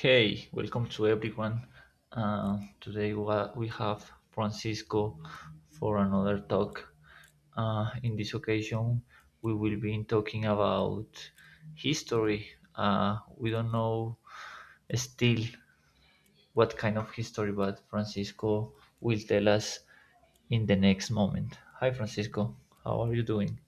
Hey, welcome to everyone. Today we have Francisco for another talk. In this occasion, we will be talking about history. We don't know still what kind of history, but Francisco will tell us in the next moment. Hi, Francisco. How are you doing?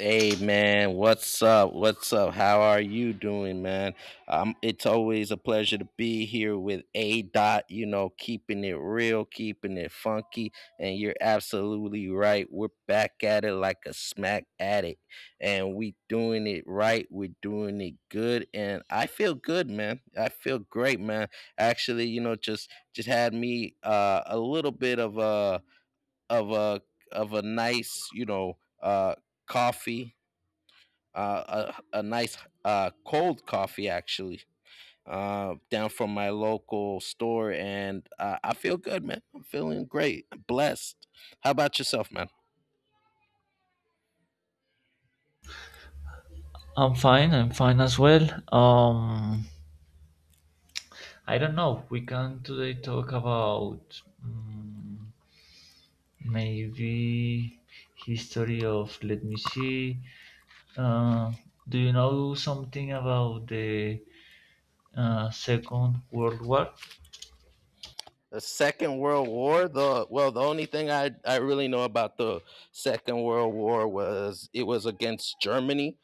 Hey man, what's up? What's up? How are you doing, man? It's always a pleasure to be here with A Dot. You know, keeping it real, keeping it funky, and you're absolutely right. We're back at it like a smack addict, and we doing it right. We're doing it good, and I feel good, man. I feel great, man. Actually, you know, just had me a little bit of a of a nice, you know, coffee a nice cold coffee actually down from my local store, and I feel good, man. I'm feeling great, blessed. How about yourself, man? I'm fine. I'm fine as well. I don't know. We can today talk about, maybe history of, let me see. Uh, do you know something about the Second World War? The Second World War. The well, the only thing I really know about the Second World War was it was against Germany.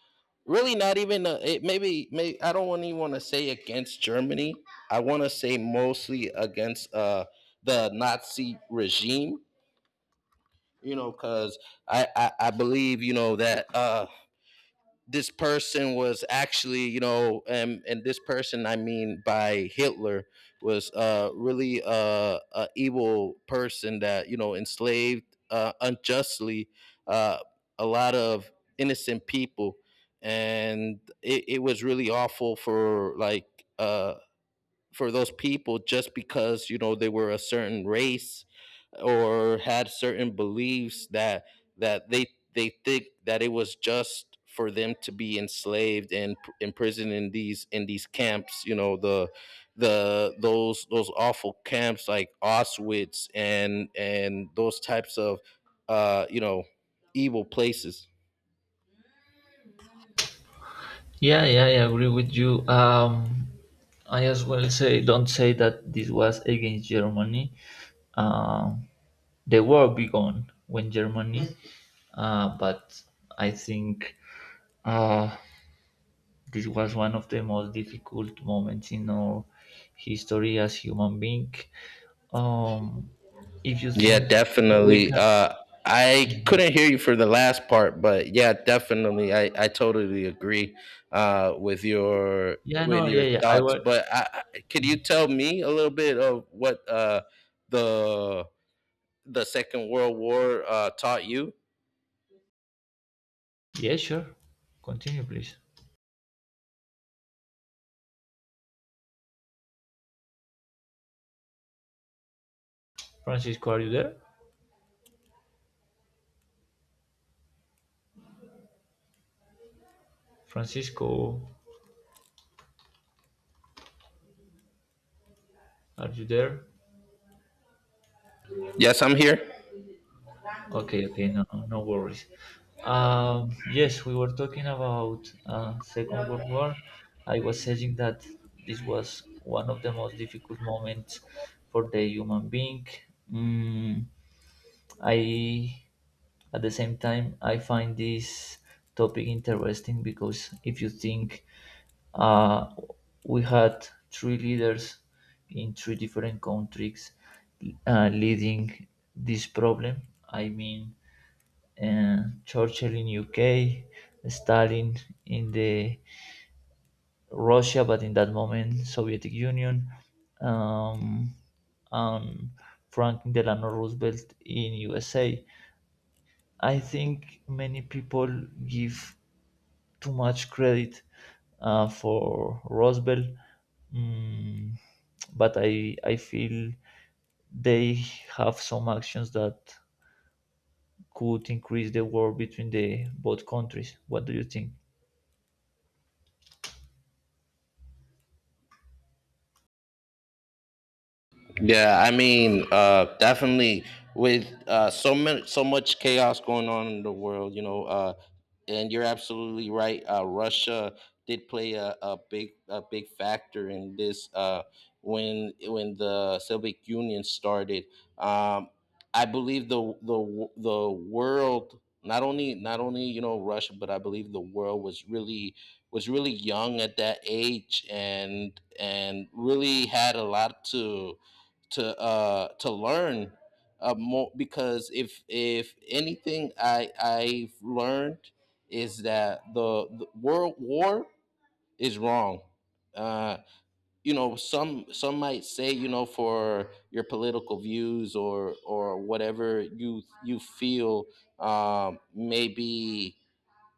Really, not even it. Maybe, may I don't want even want to say against Germany. I want to say mostly against the Nazi regime. You know, because I believe you know that this person was actually, you know, and this person I mean by Hitler was really a evil person that you know enslaved unjustly uh, a lot of innocent people, and it was really awful for like for those people just because you know they were a certain race or had certain beliefs that that they they think that it was just for them to be enslaved and imprisoned in these camps, you know, the those awful camps like Auschwitz and those types of you know evil places. Yeah, yeah, I agree with you. I as well say don't say that this was against Germany. Um, the war began when Germany, but I think uh, this was one of the most difficult moments in our history as human being. Um, if you Yeah, think we can, definitely. I Mhm. couldn't hear you for the last part, but yeah, definitely. I totally agree with your Yeah, with no, yeah, your yeah. I thoughts. was, But could you tell me a little bit of what the Second World War taught you? yeah, sure. Continue, please. Francisco, are you there? Francisco, are you there? Yes, I'm here. Okay, okay, no, no, no worries. Yes, we were talking about Second World War. I was saying that this was one of the most difficult moments for the human being. Mm, I At the same time, I find this topic interesting because if you think uh, we had three leaders in three different countries leading this problem. I mean, Churchill in UK, Stalin in the Russia, but in that moment Soviet Union, um, and Franklin Delano Roosevelt in USA. I think many people give too much credit for Roswell, mm, but I feel they have some actions that could increase the war between the both countries. What do you think? Yeah, I mean, definitely with so many, so much chaos going on in the world, you know. And you're absolutely right. Russia did play a big factor in this when the Soviet Union started. Um, I believe the world not only you know Russia, but I believe the world was really young at that age and really had a lot to to learn more because if anything I've learned is that the world war is wrong. Uh, you know, some might say, you know, for your political views or whatever you you feel, maybe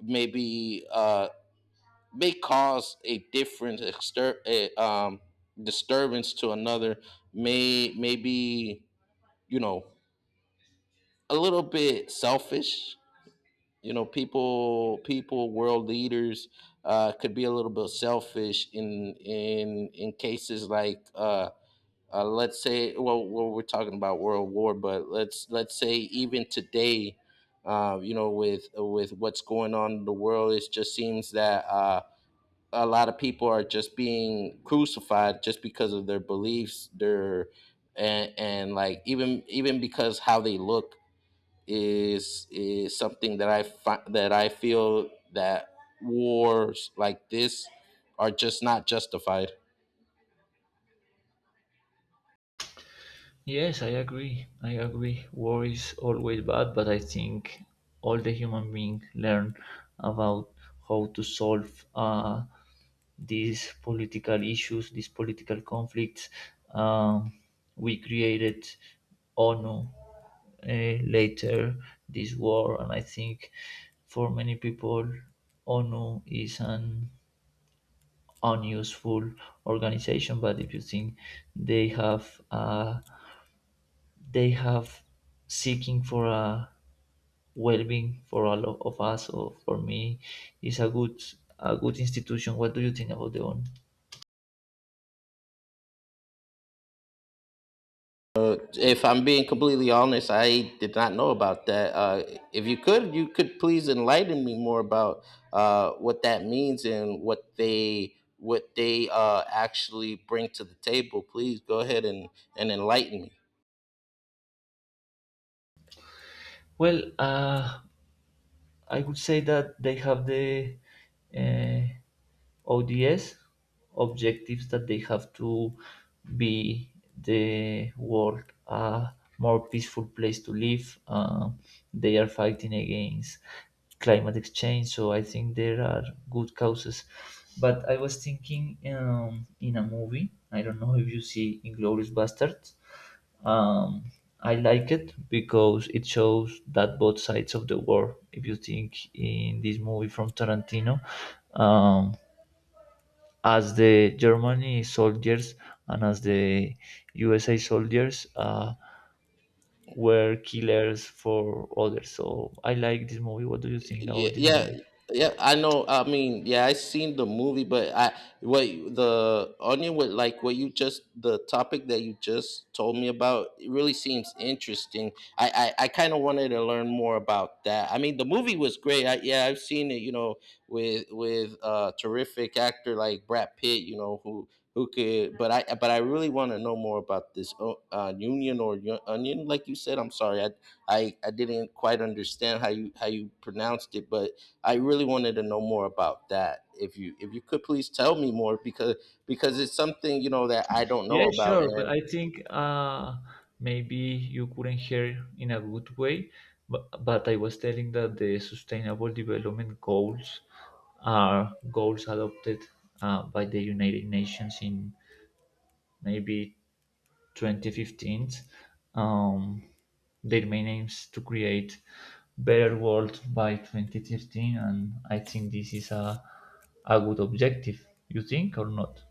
maybe uh, may cause a different disturbance to another maybe, you know, a little bit selfish. You know, world leaders could be a little bit selfish in cases like, let's say, well, we're talking about World War, but let's say even today, you know, with what's going on in the world, it just seems that a lot of people are just being crucified just because of their beliefs, their and like even because how they look is something that that I feel that wars like this are just not justified. Yes, I agree. I agree. War is always bad, but I think all the human beings learn about how to solve these political issues, these political conflicts. Um, we created ONU later this war, and I think for many people, ONU is an unuseful organization. But if you think they have a they have seeking for a well-being for all of us or for me is a good institution. What do you think about the one? If I'm being completely honest, I did not know about that. If you could, you could please enlighten me more about what that means and what they actually bring to the table. Please go ahead and enlighten me. Well, I would say that they have the uh, ODS objectives that they have to be the world a more peaceful place to live. They are fighting against climate exchange, so I think there are good causes. But I was thinking in a movie. I don't know if you see Inglorious Bastards. Um, I like it because it shows that both sides of the war. If you think in this movie from Tarantino, um, as the Germany soldiers and as the USA soldiers were killers for others. So I like this movie. What do you think Yeah, about this yeah, movie? yeah. I know. I mean, yeah, I seen the movie, but I the onion with like what you just the topic that you just told me about it really seems interesting. I kind of wanted to learn more about that. I mean, the movie was great. I, yeah, I've seen it. You know, with a terrific actor like Brad Pitt. You know who. Who could? But I really want to know more about this union or onion, like you said. I'm sorry, I didn't quite understand how you pronounced it, but I really wanted to know more about that. If you could please tell me more because it's something, you know, that I don't know Yeah, about. sure, but I think maybe you couldn't hear in a good way. But I was telling that the Sustainable Development Goals are goals adopted by the United Nations in maybe 2015. Um, their main aim is to create better world by 2013, and I think this is a good objective. You think or not?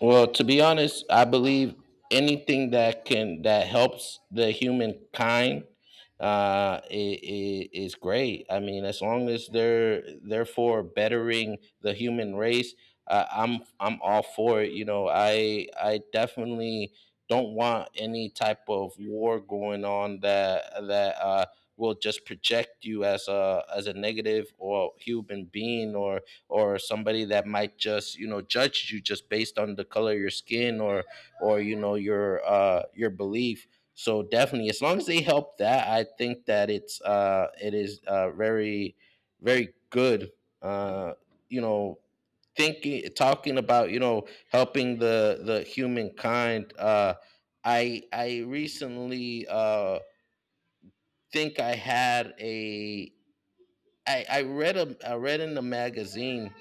Well, to be honest, I believe anything that can that helps the humankind, I is great. I mean, as long as they're therefore bettering the human race, I'm all for it. You know, I definitely don't want any type of war going on that will just project you as a negative or human being or somebody that might just, you know, judge you just based on the color of your skin or, you know, your belief. So definitely, as long as they help that, I think that it is very very good, uh you know, thinking talking about, you know, helping the humankind. I Recently, think I had a I read in the magazine.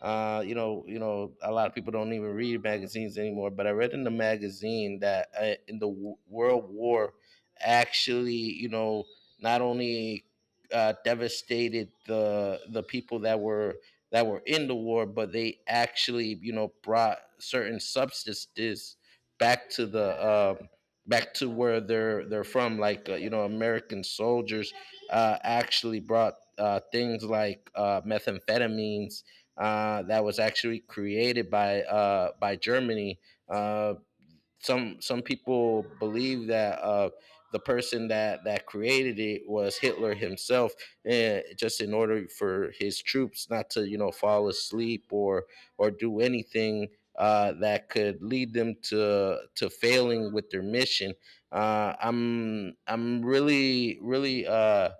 You know, a lot of people don't even read magazines anymore. But I read in the magazine that in the World War, actually, you know, not only devastated the people that were in the war, but they actually, you know, brought certain substances back to the um back to where they're from. Like, you know, American soldiers actually brought things like methamphetamines that was actually created by Germany. Uh, some people believe that the person that created it was Hitler himself, just in order for his troops not to, you know, fall asleep or do anything. That could lead them to failing with their mission. I'm really really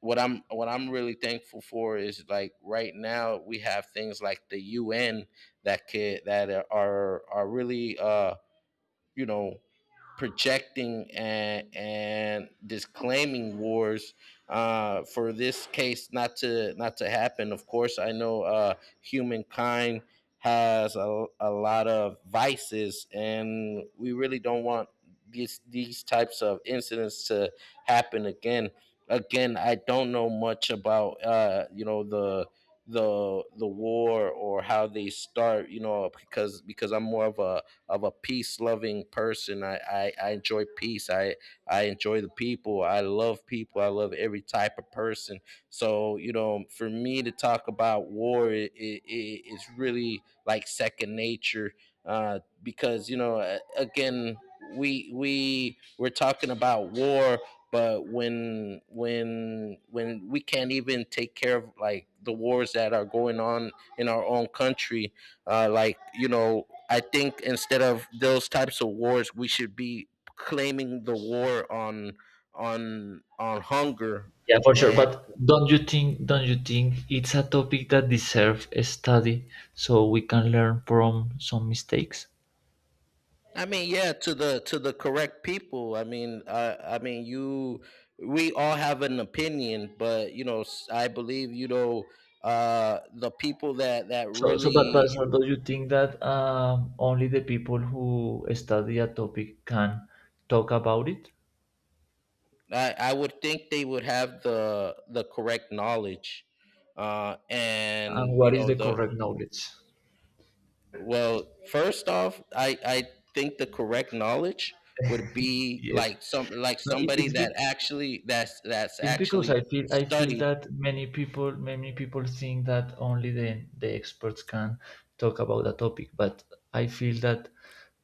what I'm really thankful for is like right now we have things like the UN that could that are really you know, projecting and disclaiming wars for this case not to happen. Of course, I know humankind has a lot of vices, and we really don't want these types of incidents to happen again. Again, I don't know much about you know, the war or how they start, you know, because I'm more of a peace loving person. I enjoy peace. I enjoy the people. I love people. I love every type of person. So, you know, for me to talk about war, it's really like second nature because, you know, again, we're talking about war, but when we can't even take care of like the wars that are going on in our own country, like, you know, I think instead of those types of wars, we should be claiming the war on hunger. Yeah, for sure. And But don't you think it's a topic that deserves a study so we can learn from some mistakes? I mean, yeah, to the correct people. I mean, you, we all have an opinion, but, you know, I believe, you know, the people that So so but so really do you think that only the people who study a topic can talk about it? I would think they would have the correct knowledge, And and what you is know the the. correct knowledge? Well, first off, I think the correct knowledge would be Yes. like some like No, it, somebody it's that be- actually that's It's because I actually feel I feel studied. that many people think that only the experts can talk about a topic, but I feel that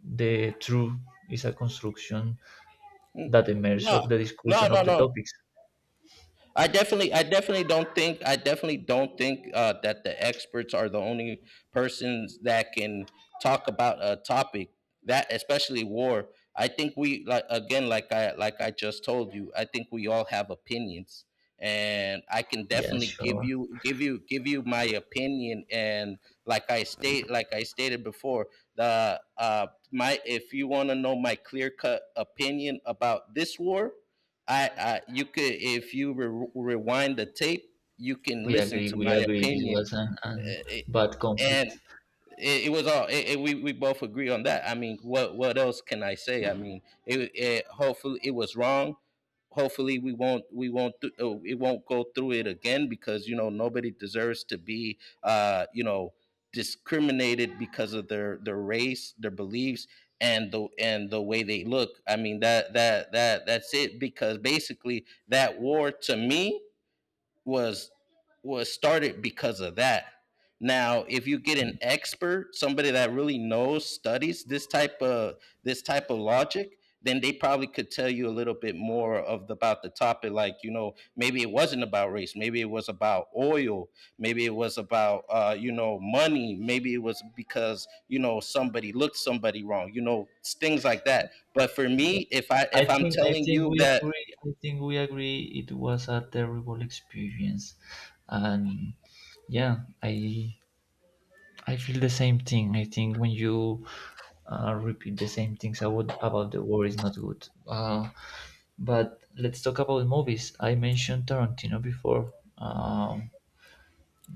the truth is a construction that emerges No, of the no, discussion of no, the No. topics. I definitely don't think, I definitely don't think that the experts are the only persons that can talk about a topic that, especially war. I think we, like again, like I just told you, I think we all have opinions, and I can Yeah, definitely sure. Give you my opinion. And like I stated before, the if you want to know my clear cut opinion about this war, I you could if you rewind the tape, you can We listen agree. to We my agree. This opinion, was an, uh, bad and conflict. It was all we both agree on that. I mean, what else can I say? I mean, it hopefully it was wrong. Hopefully we won't it won't go through it again because, you know, nobody deserves to be you know, discriminated because of their race, their beliefs and the way they look. I mean that's it because basically that war to me was was started because of that. Now, if you get Yeah, an expert, somebody that really knows, studies this type of logic, then they probably could tell you a little bit more of the, about the topic. Like, you know, maybe it wasn't about race, maybe it was about oil, maybe it was about you know money, maybe it was because you know somebody looked somebody wrong, you know, things like that. But for yeah. me, if I I if I'm think I telling think you we that. agree. I think we agree. It was a terrible experience, and yeah, I feel the same thing. I think when you repeat the same things about the war is not good. But let's talk about movies. I mentioned Tarantino before. Um,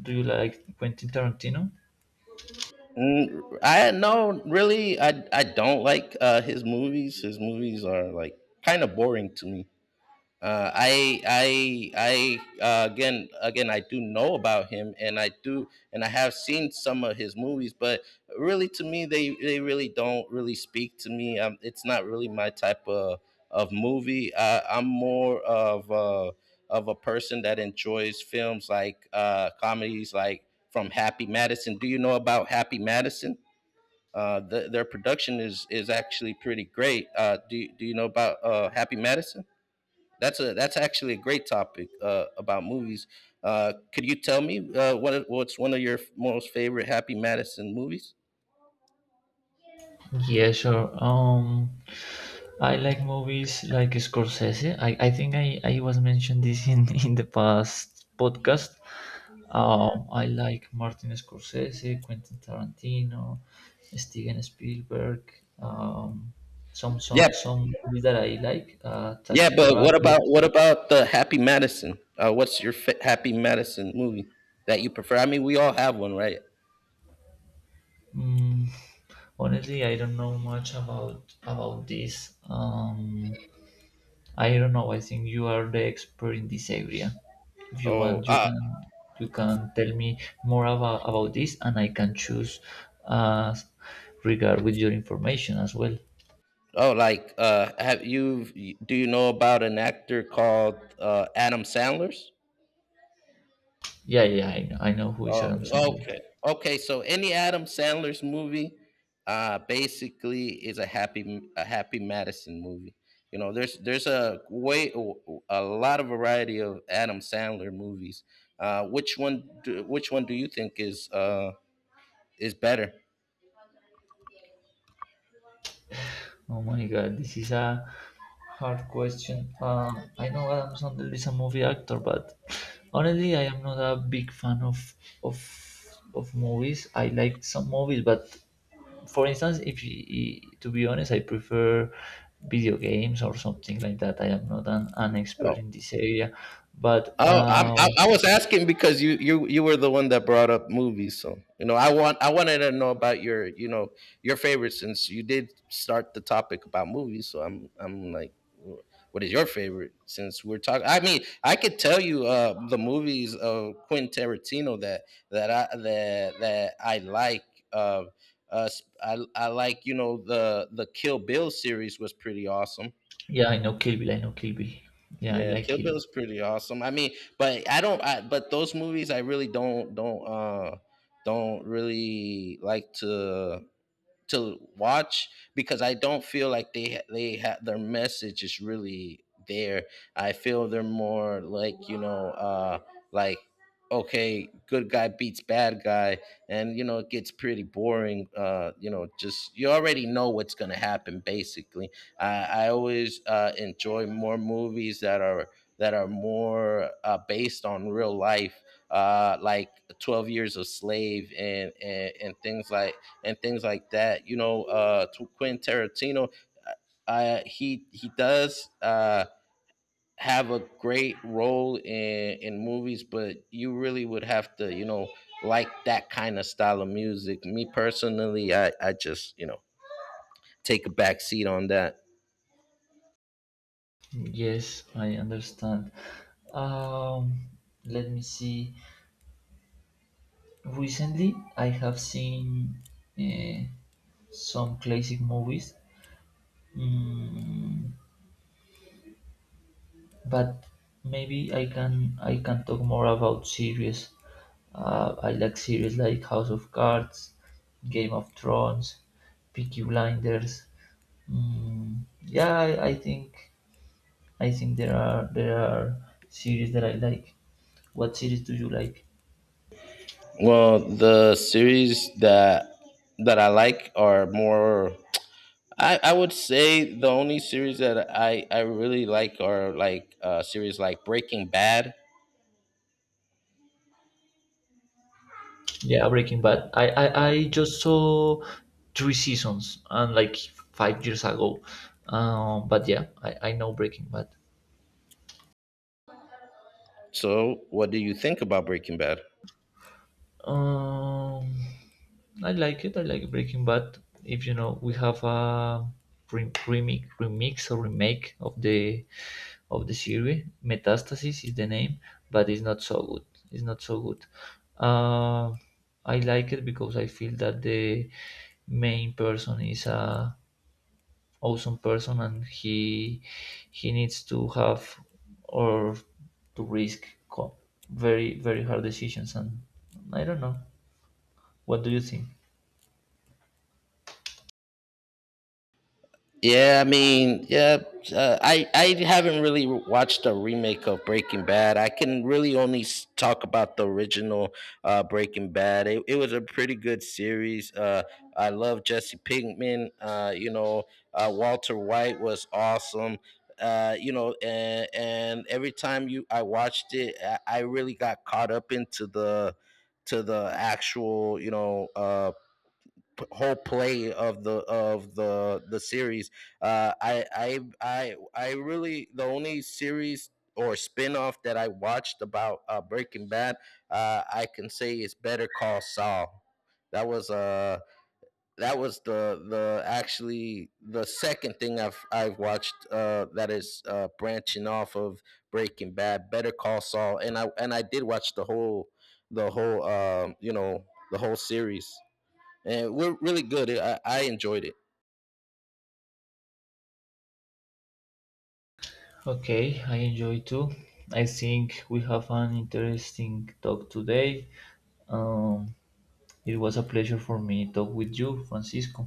do you like Quentin Tarantino? Mm, I no, really, I don't like his movies. His movies are like kind of boring to me. I again again I do know about him and I do and I have seen some of his movies, but really to me they really don't really speak to me. It's not really my type of movie. I'm more of of a person that enjoys films like comedies like from Happy Madison. Do you know about Happy Madison? Their production is actually pretty great. Do you know about Happy Madison? That's a that's actually a great topic about movies. Could you tell me what what's one of your most favorite Happy Madison movies? Yeah, sure. I like movies like Scorsese. I think I was mentioned this in the past podcast. Oh, I like Martin Scorsese, Quentin Tarantino, Steven Spielberg. Um, some Yeah, some some movies that I like, yeah, Taxi but Driver. What about the Happy Madison? Happy Madison movie that you prefer? I mean, we all have one, right? Mm, honestly, I don't know much about this. I don't know. I think you are the expert in this area. If you Oh, want, you uh, can tell me more about this, and I can choose uh, regard with your information as well. oh, like have you? Do you know about an actor called Adam Sandler's? Yeah, yeah, I know who is Adam Oh, Sandler. okay. Okay, so any Adam Sandler's movie basically is a happy Madison movie. You know, there's a way a lot of variety of Adam Sandler movies. Which one do you think is better? Oh my god, this is a hard question. I know Adam Sandler is a movie actor, but honestly, I am not a big fan of of movies. I like some movies, but for instance, if you, to be honest, I prefer video games or something like that. I am not an, expert in this area, but Oh, I was asking because you were the one that brought up movies, so you know I wanted to know about your you know your favorite since you did start the topic about movies. So I'm like, what is your favorite? Since we're talking, I mean, I could tell you the movies of Quentin Tarantino that that I like. Uh, uh, I like you know the Kill Bill series was pretty awesome. yeah, I know Kill Bill. I know Kill Bill. Yeah, I Yeah, like Kill Kill Bill's pretty awesome. I mean, but I don't. But those movies, I really don't don't really like to watch because I don't feel like they have their message is really there. I feel they're more like you know like okay, good guy beats bad guy, and you know it gets pretty boring you know, just you already know what's going to happen basically. I always enjoy more movies that are more based on real life like 12 years a slave and things like that you know quentin tarantino uh, I he does have a great role in movies, but you really would have to, you know, like that kind of style of music. Me personally, I just you know take a back seat on that. Yes, I understand. Um, let me see. Recently, I have seen eh, some classic movies, mm, but maybe I can talk more about series. I like series like House of Cards, Game of Thrones, Peaky Blinders. Yeah, I think there are series that I like. What series do you like? Well, the series that that I like are more. I would say the only series that I really like are like series like Breaking Bad. Yeah, Breaking Bad. I just saw three seasons and like 5 years ago. But yeah, I know Breaking Bad. So, what do you think about Breaking Bad? Um, I like it. I like Breaking Bad. If you know, we have a remix or remake of the series. Metastasis is the name, but it's not so good. It's not so good. Um, I like it because I feel that the main person is a awesome person and he needs to have or to risk very very hard decisions, and I don't know, what do you think? Yeah, I mean, yeah, I haven't really watched a remake of Breaking Bad. I can really only talk about the original Breaking Bad. It was a pretty good series. I love Jesse Pinkman. You know, Walter White was awesome. You know, and every time you I watched it, I really got caught up into the to the actual, you know. Whole play of the series. I really the only series or spinoff that I watched about Breaking Bad, I can say is Better Call Saul. That was uh that was the actually the second thing I've watched that is branching off of Breaking Bad, Better Call Saul, and I did watch the whole you know the whole series, and we're really good. I enjoyed it. Okay, I enjoy too. I think we have an interesting talk today. Um it was a pleasure for me to talk with you, Francisco.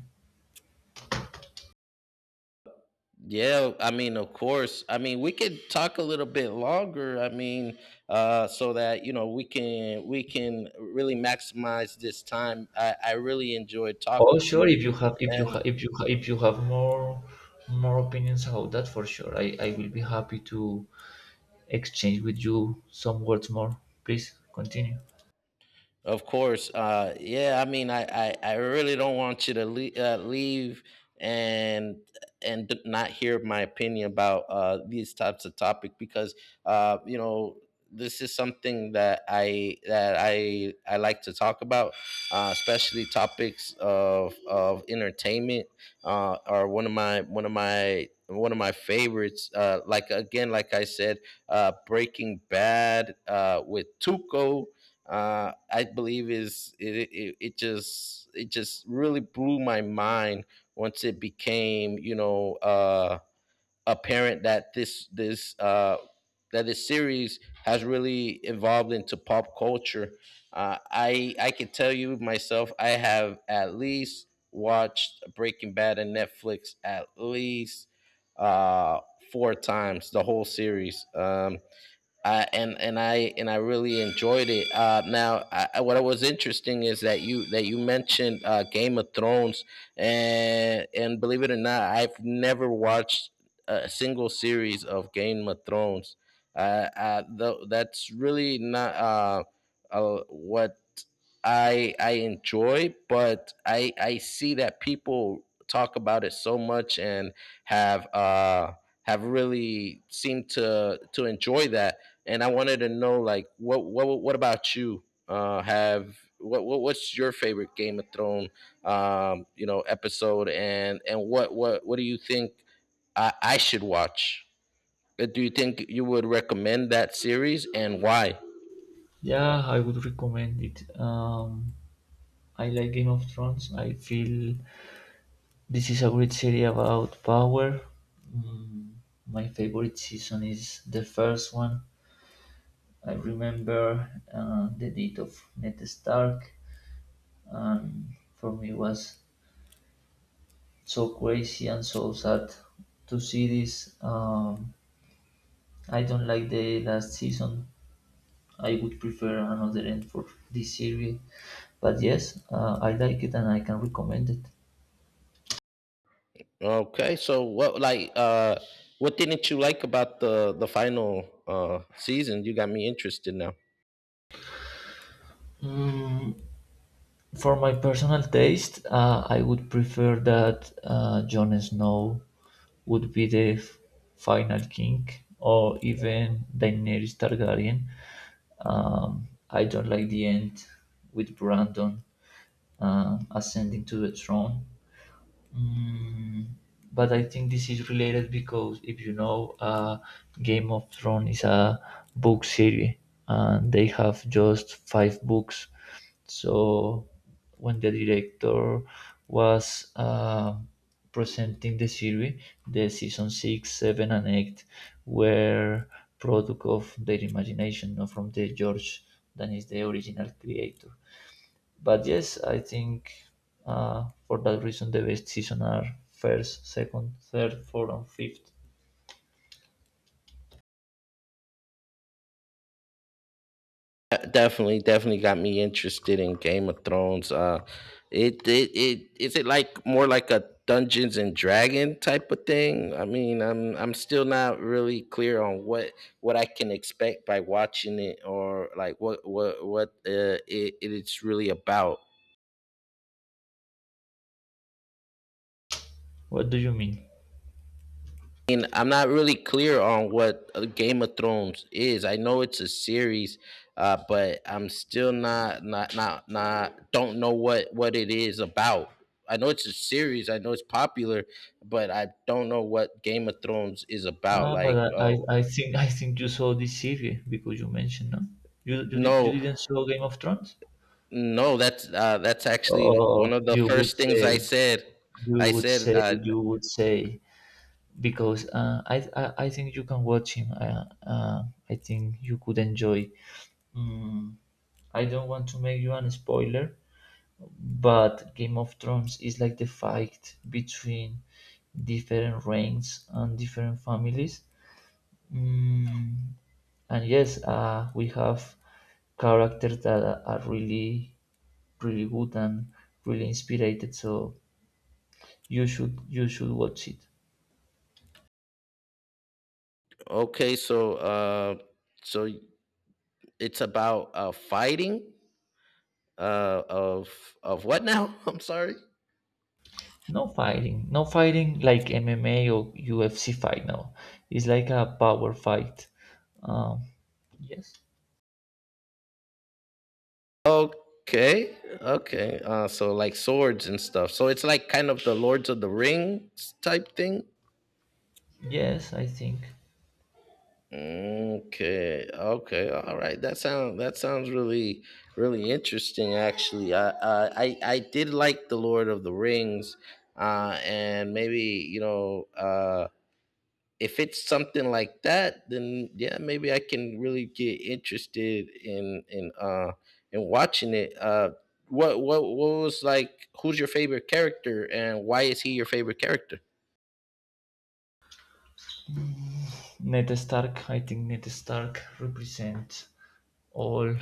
Yeah, I mean, of course. I mean, we could talk a little bit longer. I mean, so that you know we can really maximize this time. I really enjoyed Oh, talking to sure, you, if you have if you and. have if you ha- if you have more opinions about that, for sure I will be happy to exchange with you some words more. Please continue. Of course. Yeah, I mean, I really don't want you to leave, and not hear my opinion about these types of topic because you know this is something that I like to talk about, especially topics of entertainment are one of my favorites. Like again, like I said, Breaking Bad with Tuco I believe is it, it it just really blew my mind once it became you know apparent that this that this series has really evolved into pop culture. I can tell you myself I have at least watched Breaking Bad on Netflix at least uh, four times the whole series. And I really enjoyed it. Now, what was interesting is that you mentioned Game of Thrones, and believe it or not, I've never watched a single series of Game of Thrones. That's really not what I enjoy, but I see that people talk about it so much and have uh have really seemed to enjoy that. And I wanted to know like what about you? Have what's your favorite Game of Thrones you know episode, and what do you think I should watch? Do you think you would recommend that series and why? Yeah, I would recommend it. I like Game of Thrones. I feel this is a great series about power. Mm, my favorite season is the first one. I remember the death of Ned Stark, and for me it was so crazy and so sad to see this. I don't like the last season. I would prefer another end for this series. But yes, I like it and I can recommend it. Okay, so what like what didn't you like about the final season? You got me interested now. Mm, for my personal taste, I would prefer that Jon Snow would be the final king, or even Daenerys Targaryen. I don't like the end with Brandon ascending to the throne. Mm, but I think this is related because if you know, Game of Thrones is a book series, and they have just five books. So when the director was presenting the series, the season six, seven, and eight were product of their imagination, not from the George, that is the original creator. But yes, I think for that reason the best season are first, second, third, fourth, and fifth. Definitely got me interested in Game of Thrones. It is it like more like a Dungeons and Dragon type of thing? I mean, I'm still not really clear on what I can expect by watching it or like what it's really about. What do you mean? Mean, I'm not really clear on what Game of Thrones is. I know it's a series, but I'm still not don't know what it is about. I know it's a series. I know it's popular, but I don't know what Game of Thrones is about. Ah, but Like, I, I oh I think I think you saw this series because you mentioned, no. You no, didn't saw Game of Thrones? no, that's actually one Oh, of the you would first say, things I said. you I would said, say, you would say, because I think you can watch him. I think you could enjoy. Mm, I don't want to make you an spoiler, but Game of Thrones is like the fight between different reigns and different families. Mm, and yes, we have characters that are really, really good and really inspired. So you should watch it. okay, so so it's about fighting. Uh of what now? I'm sorry. No fighting, no fighting like MMA or UFC fight. No, it's like a power fight. Um, yes, Okay. Okay. So like swords and stuff. So it's like kind of the Lords of the Rings type thing. yes, I think Okay. Okay. All right. That sounds really really interesting actually. I did like the Lord of the Rings and maybe, you know, if it's something like that, then yeah, maybe I can really get interested in watching it. What was like? Who's your favorite character, and why is he your favorite character? Ned Stark. I think Ned Stark represents all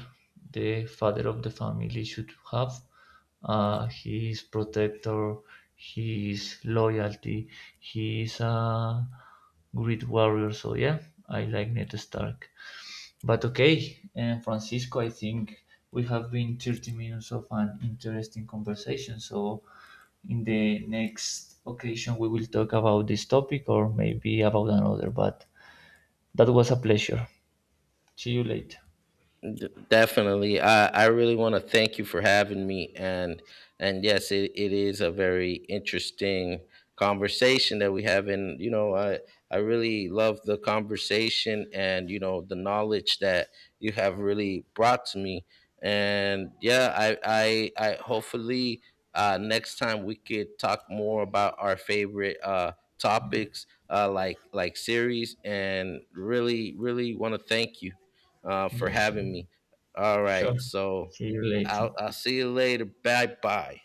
the father of the family should have. His protector, his loyalty, he is a great warrior. So yeah, I like Ned Stark. But okay, and Francisco, I think we have been 30 minutes of an interesting conversation. So in the next occasion, we will talk about this topic or maybe about another. But that was a pleasure. See you later. Definitely. I really want to thank you for having me, and yes, it is a very interesting conversation that we have, and you know, I really love the conversation and you know the knowledge that you have really brought to me. And yeah, I hopefully next time we could talk more about our favorite Yeah, topics like series, and really really want to thank you for yeah, sure. having me. All Sure. right. So See you later. I'll see you later. Bye bye.